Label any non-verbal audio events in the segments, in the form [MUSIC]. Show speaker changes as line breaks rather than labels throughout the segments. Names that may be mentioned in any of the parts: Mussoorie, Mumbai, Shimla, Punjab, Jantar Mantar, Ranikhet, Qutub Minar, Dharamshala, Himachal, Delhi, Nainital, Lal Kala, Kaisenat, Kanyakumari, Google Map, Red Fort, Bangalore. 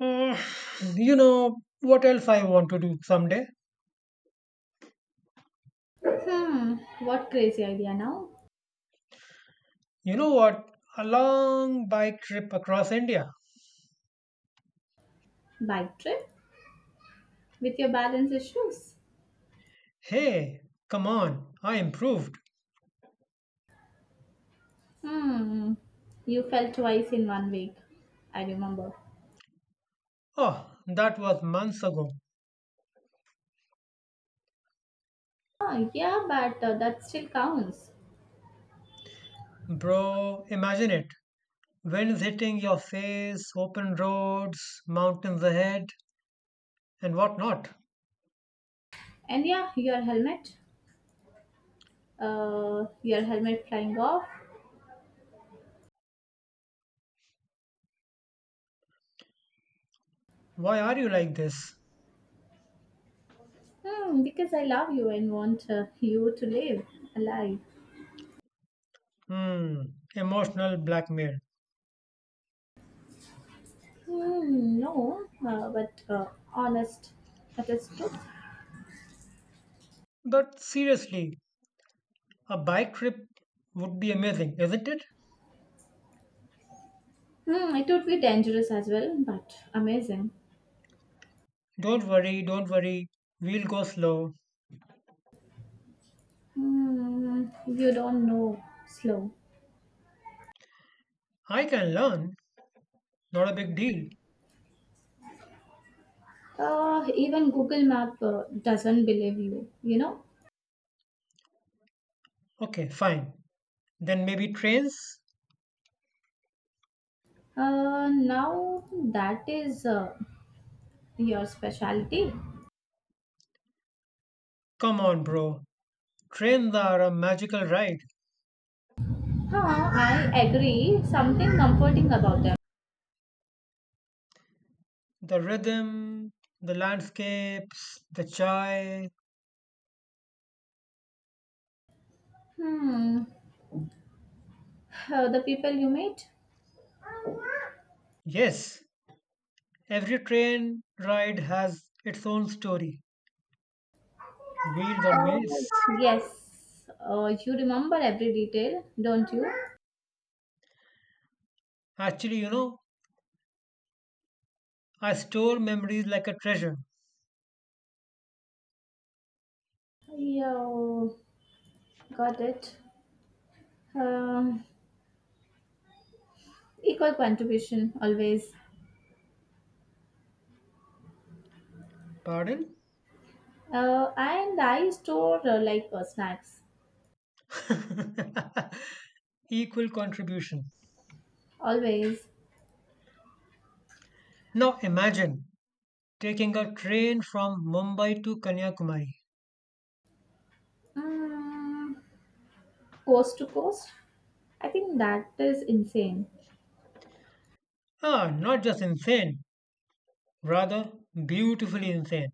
Mm, you know what else I want to do someday?
Hmm, what crazy idea now?
You know what? A long bike trip across India.
Bike trip? With your balance issues?
Hey, come on, I improved.
Hmm, you fell twice in 1 week, I remember.
Oh, that was months ago.
Oh, yeah, but that still counts.
Bro, imagine it. Winds hitting your face, open roads, mountains ahead, and whatnot.
And yeah, your helmet. Your helmet flying off.
Why are you like this?
Hmm, because I love you and want you to live alive.
Hmm, Emotional blackmail.
Hmm, no, but honest, that is truth.
But seriously, a bike trip would be amazing, isn't it?
Hmm, it would be dangerous as well, but amazing.
Don't worry, don't worry. We'll go slow.
Hmm, you don't know, slow.
I can learn. Not a big deal.
Even Google Map doesn't believe you, you know.
Okay, fine. Then maybe trains?
Now that is your specialty.
Come on, bro. Trains are a magical ride.
Huh, I agree. Something comforting about them.
The rhythm, the landscapes, the chai.
Hmm, the people you meet?
Yes, every train ride has its own story. Wheels or meals.
Oh, yes. You remember every detail, don't you?
Actually, I store memories like a treasure.
Yeah, got it. Um, Equal contribution always.
Pardon?
And I store snacks
Equal contribution.
always.
Now imagine taking a train from Mumbai to Kanyakumari.
Mm, coast to coast. I think that is insane
Ah, not just insane, rather beautifully insane.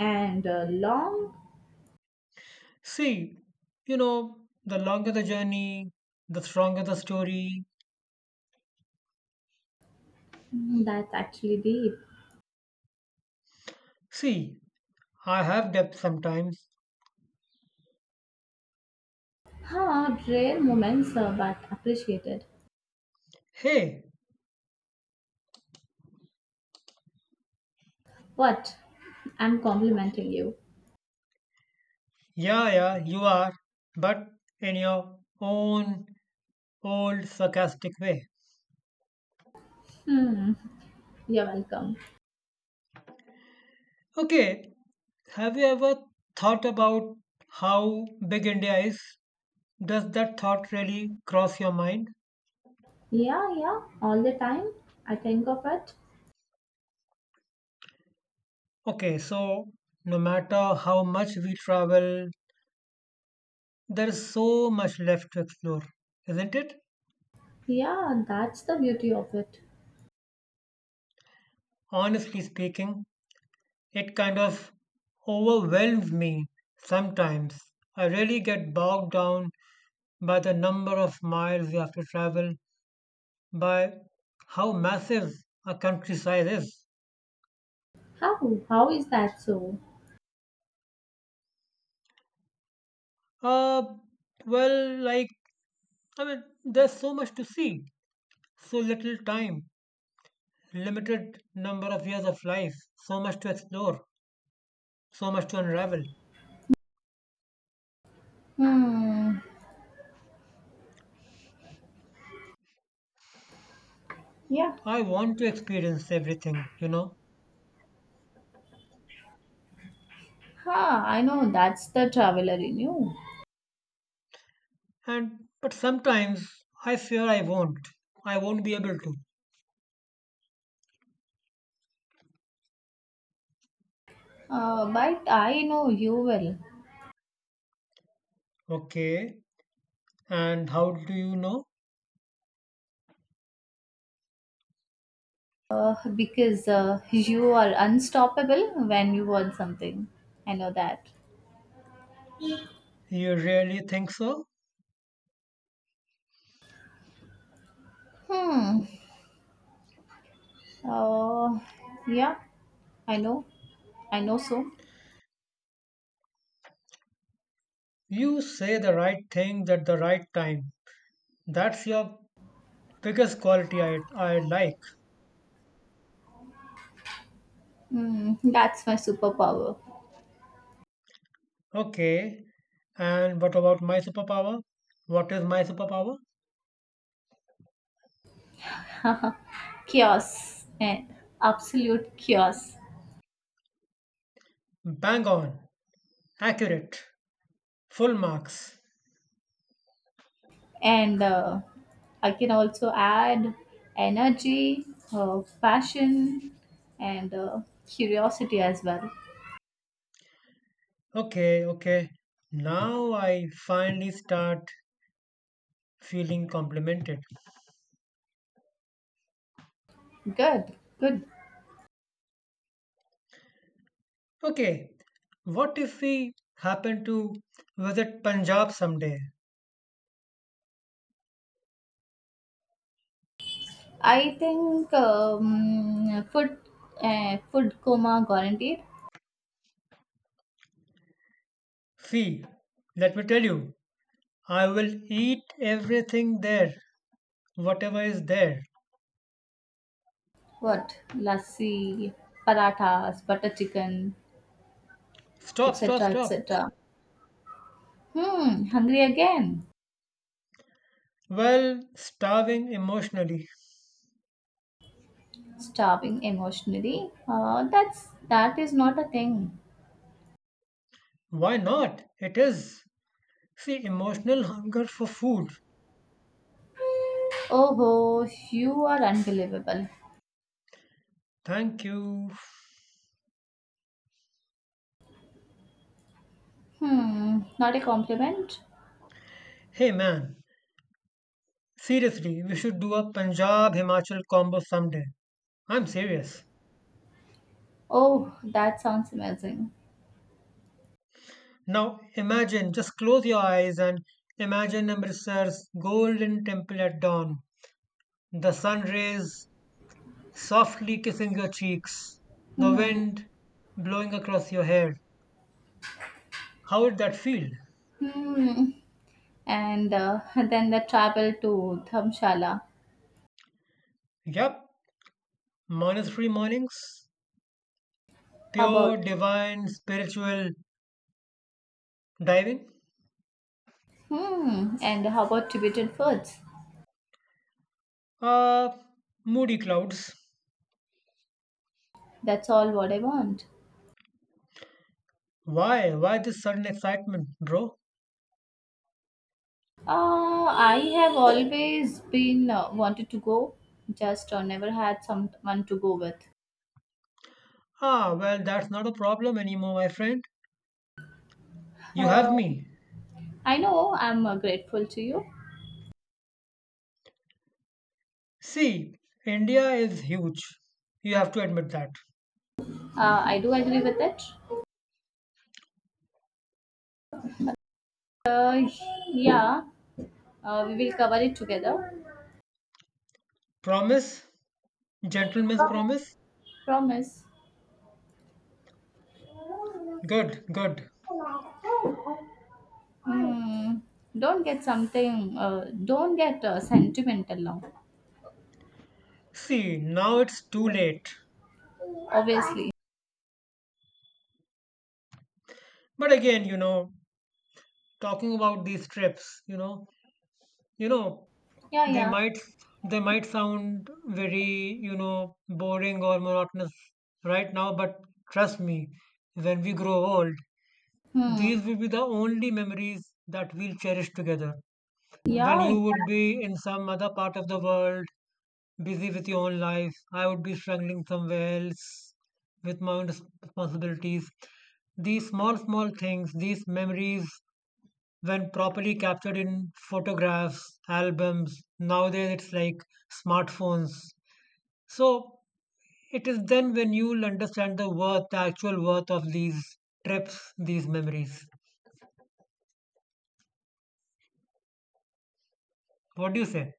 and long.
See, you know, the longer the journey, the stronger the story.
Mm, that's actually deep.
See, I have depth sometimes.
Huh, rare moments, but appreciated.
Hey,
What? I'm complimenting you.
yeah, yeah, you are, but in your own old sarcastic way.
Hmm, you're welcome.
Okay, have you ever thought about how big India is? Does that thought really cross your mind?
Yeah, yeah, all the time. I think of it.
Okay, so no matter how much we travel, there is so much left to explore, isn't it?
Yeah, that's the beauty of it.
Honestly speaking, it kind of overwhelms me sometimes. I really get bogged down by the number of miles we have to travel, by how massive a country size is.
How? How is that so?
Uh, well, like, I mean, there's so much to see, so little time, limited number of years of life, so much to explore. So much to unravel.
Hmm, yeah.
I want to experience everything.
Ha, I know that's the traveler in you.
And but sometimes I fear I won't. I won't be able to.
But I know you well,
Okay. And how do you know?
because you are unstoppable when you want something. I know that.
You really think so?
Hmm. Uh, yeah, I know. I know so.
You say the right thing at the right time. That's your biggest quality I like.
Hmm, that's my superpower.
Okay. And what about my superpower? What is my superpower?
[LAUGHS] Chaos and absolute chaos.
Bang on. Accurate. Full marks.
And I can also add energy, passion, and curiosity as well.
Okay, okay. Now I finally start feeling complimented.
Good, good.
Okay, what if we happen to visit Punjab someday?
I think food coma guaranteed.
See, let me tell you, I will eat everything there, whatever is there.
What lassi, parathas, butter chicken,
Stop, stop,
etc.,
stop.
etc. Hmm, hungry again.
Well, starving emotionally.
Starving emotionally. That is not a thing.
Why not? It is. See, emotional hunger for food.
Oh, ho! You are unbelievable.
Thank you.
Hmm, not a compliment?
Hey man, seriously, we should do a Punjab Himachal combo someday. I'm serious.
Oh, that sounds amazing.
Now imagine, just close your eyes and imagine Amritsar's Golden Temple at dawn. The sun rays softly kissing your cheeks, the
Hmm,
wind blowing across your hair. How would that feel?
hmm. And [LAUGHS] then the travel to Dharamshala.
Yup, monastery mornings,
How
pure,
about,
divine, spiritual diving.
hmm, and how about Tibetan foods?
Uh, Moody clouds.
That's all what I want.
Why? Why this sudden excitement, bro?
I have always been wanted to go, just never had someone to go with.
Ah, well, that's not a problem anymore, my friend. You
Uh,
have me.
I know I'm grateful to you.
See, India is huge. You have to admit that.
I do agree with it. Uh, yeah, we will cover it together.
Promise? Gentleman's promise?
Promise.
Good, good.
Hmm. Don't get something. Don't get sentimental now.
See, now it's too late.
Obviously.
But again, talking about these trips, you know,
Yeah,
they
yeah.
might they might sound very, boring or monotonous right now, but trust me, when we grow old,
Hmm.
these will be the only memories that we'll cherish together. When
Yeah.
you would be in some other part of the world, busy with your own life, I would be struggling somewhere else with my own responsibilities. These small, small things, these memories, when properly captured in photographs, albums, nowadays it's like smartphones. So it is then when you'll understand the worth, the actual worth of these trips, these memories. What do you say?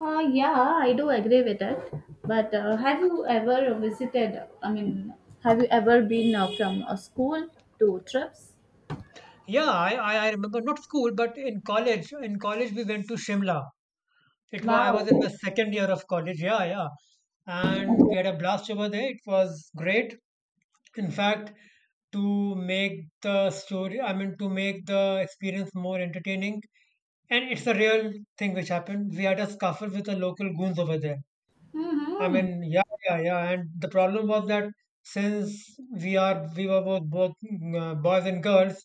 Yeah, I do agree with that. But have you ever visited? I mean, have you ever been from a school to trips?
Yeah, I remember not school, but in college. In college, we went to Shimla. It was I was in my
Wow.
second year of college. Yeah, yeah, and we had a blast over there. It was great. In fact, to make the story, I mean, to make the experience more entertaining, and it's a real thing which happened. We had a scuffle with the local goons over there. I
Mm-hmm.
mean, yeah, yeah, yeah. And the problem was that since we were both boys and girls,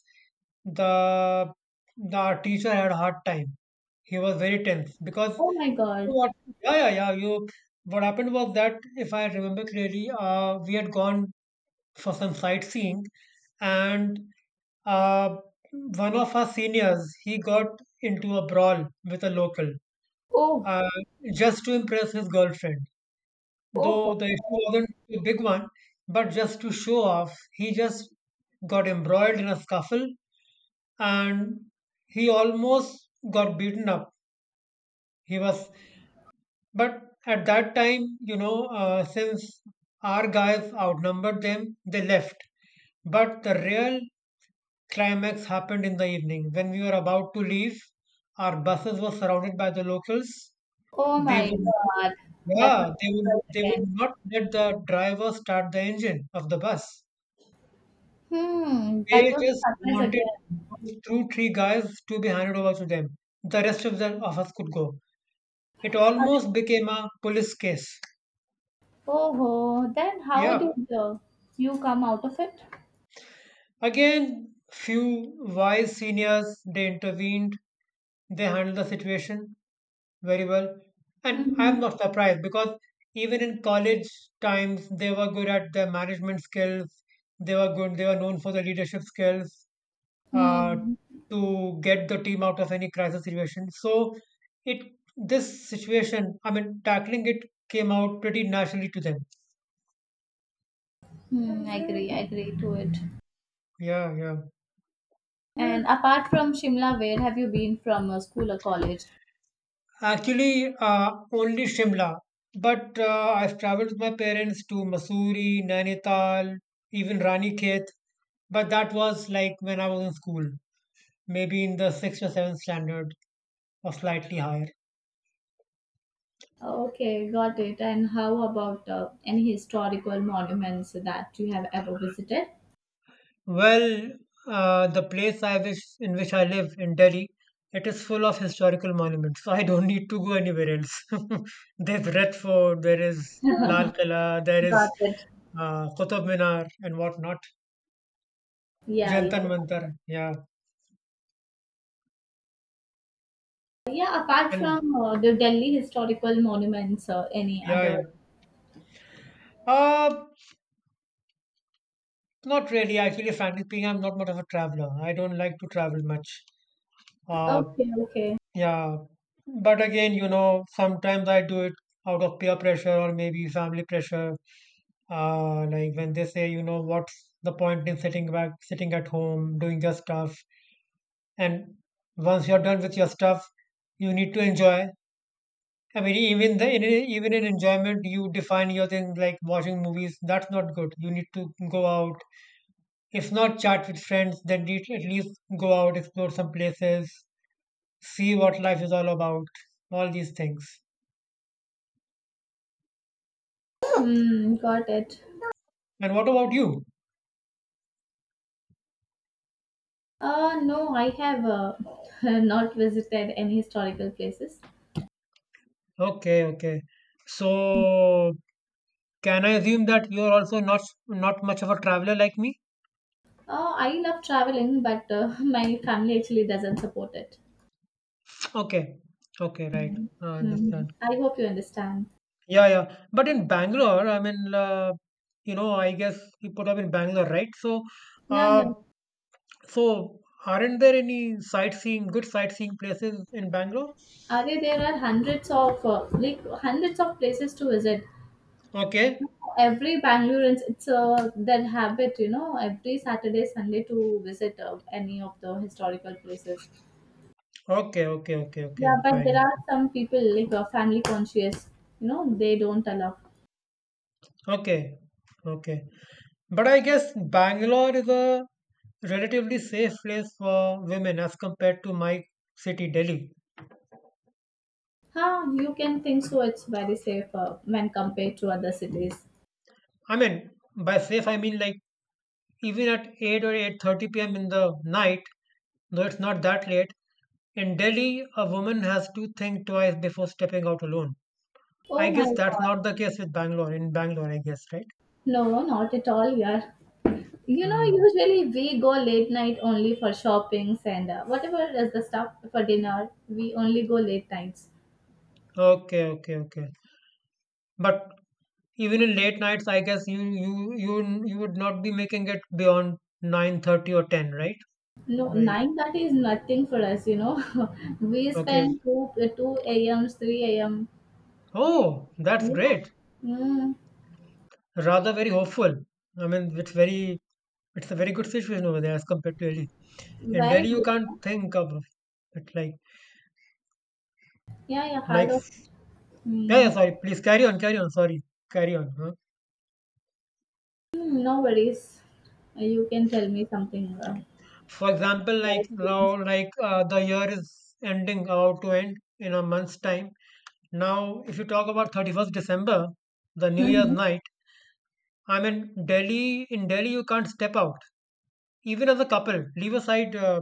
the the our teacher had a hard time. He was very tense because
Oh my God.
what? Yeah, yeah, yeah. You. What happened was that if I remember clearly, we had gone for some sightseeing, and uh, one of our seniors he got into a brawl with a local
Oh.
uh, just to impress his girlfriend.
Oh.
Though
Oh.
the issue wasn't a big one, but just to show off, he just got embroiled in a scuffle and he almost got beaten up. He was, but at that time, since our guys outnumbered them, they left. But the real climax happened in the evening when we were about to leave. Our buses were surrounded by the locals.
Oh
They would
my
not,
God. That was
Yeah, they would
surprise
they
again.
would not let the driver start the engine of the bus.
Hmm, that
They
was
just
surprise
wanted
again.
those two, three guys to be handed over to them. The rest of us could go. It
Are you-
almost became a police case.
Oh, ho, then how
Yeah.
did you come out of it?
Again, few wise seniors they intervened, they handled the situation very well. And I'm
Mm-hmm.
not surprised because even in college times they were good at their management skills, they were good, they were known for their leadership skills uh,
Hmm.
to get the team out of any crisis situation. So it this situation, I mean, tackling it came out pretty naturally to them.
Hmm. I agree. I agree to it.
Yeah, yeah.
And apart from Shimla, where have you been from school or college?
Actually, only Shimla, but I've traveled with my parents to Mussoorie, Nainital, even Ranikhet, but that was like when I was in school, maybe in the sixth or seventh standard or slightly higher.
Okay, got it. And how about any historical monuments that you have ever visited?
Well, the place I wish in which I live in Delhi, it is full of historical monuments, so I don't need to go anywhere else. [LAUGHS] There's Red Fort, there is Lal Kala, there is
Got it.
Qutub Minar and whatnot.
Yeah, yeah.
Jantar Mantar, yeah.
Yeah, apart
And
from the Delhi historical monuments, any
yeah, yeah.
other?
Uh, not really. Actually, frankly speaking, I'm not much of a traveler. I don't like to travel much. Uh,
Okay, okay.
yeah. But again, sometimes I do it out of peer pressure or maybe family pressure. Like when they say, what's the point in sitting back, sitting at home, doing your stuff? And once you're done with your stuff, you need to enjoy. I mean, even in enjoyment, you define your thing like watching movies. That's not good. You need to go out. If not chat with friends, then at least go out, explore some places, see what life is all about, all these things.
Hmm, got it.
And what about you?
No, I have [LAUGHS] not visited any historical places.
Okay, okay. So can I assume that you're also not much of a traveler like me?
I love traveling, but [LAUGHS] my family actually doesn't support it.
Okay, okay, right. I
Hmm.
understand.
I hope you understand.
Yeah, yeah. But in Bangalore, I mean, I guess you put up in Bangalore, right?
Yeah, yeah.
Uh, so, aren't there any sightseeing, good sightseeing places in Bangalore?
Are there are hundreds of hundreds of places to visit.
Okay.
Every Bangaloreans, it's their habit, you know, every Saturday, Sunday to visit any of the historical places.
Okay, okay, okay, okay,
Yeah, but there
fine.
are some people like family conscious, you know, they don't allow.
Okay, okay. But I guess Bangalore is a relatively safe place for women as compared to my city, Delhi.
Huh, you can think so. It's very safe when compared to other cities.
I mean, by safe, I mean like even at 8 or 8:30 p.m. in the night, though it's not that late, in Delhi, a woman has to think twice before stepping out alone. I
Oh my
guess that's
god.
not the case with Bangalore, in Bangalore, I guess, right?
No, not at all, yeah. You know,
Mm.
usually we go late night only for shoppings and whatever is the stuff for dinner. We only go late nights.
Okay, okay, okay. But even in late nights, I guess you would not be making it beyond 9:30 or 10, right?
No,
Right.
9:30 is nothing for us. You know, [LAUGHS] we
Okay.
spend 2 a.m. 3 a.m.
Oh, that's
Yeah,
great.
mm,
Rather very hopeful. I mean, it's a very good situation over there as compared to Delhi. In
very
Delhi, you
good. Huh?
can't think of it like
Yeah, yeah, hard
like
of.
yeah, yeah,
Mm,
sorry. Please carry on, carry on. Sorry, carry on. Huh?
mm, no worries. You can tell me something.
For example,
Your
like now,
experience?
like the year is ending about to end in a month's time. Now, if you talk about 31st December, the New Year's
Mm-hmm.
night, I mean, Delhi in Delhi you can't step out even as a couple. Leave aside, uh,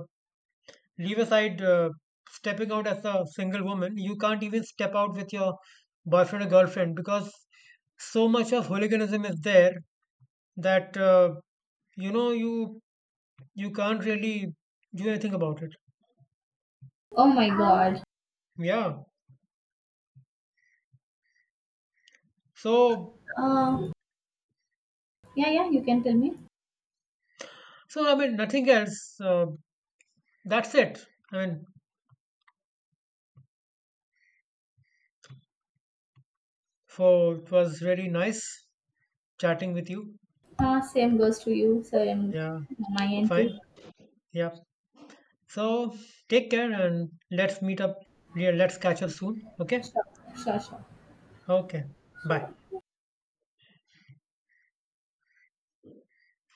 leave aside uh, stepping out as a single woman. You can't even step out with your boyfriend or girlfriend because so much of hooliganism is there that you know you can't really do anything about it.
Oh my god.
Yeah. So
Uh, yeah, yeah, you can tell me.
so I mean nothing else. That's it. I mean, for it was really nice chatting with you.
Same goes to you, same
Yeah.
my end too.
Fine. Yeah. So take care and let's meet up. Yeah, let's catch up soon. Okay?
Sure, sure, sure.
Okay. Bye.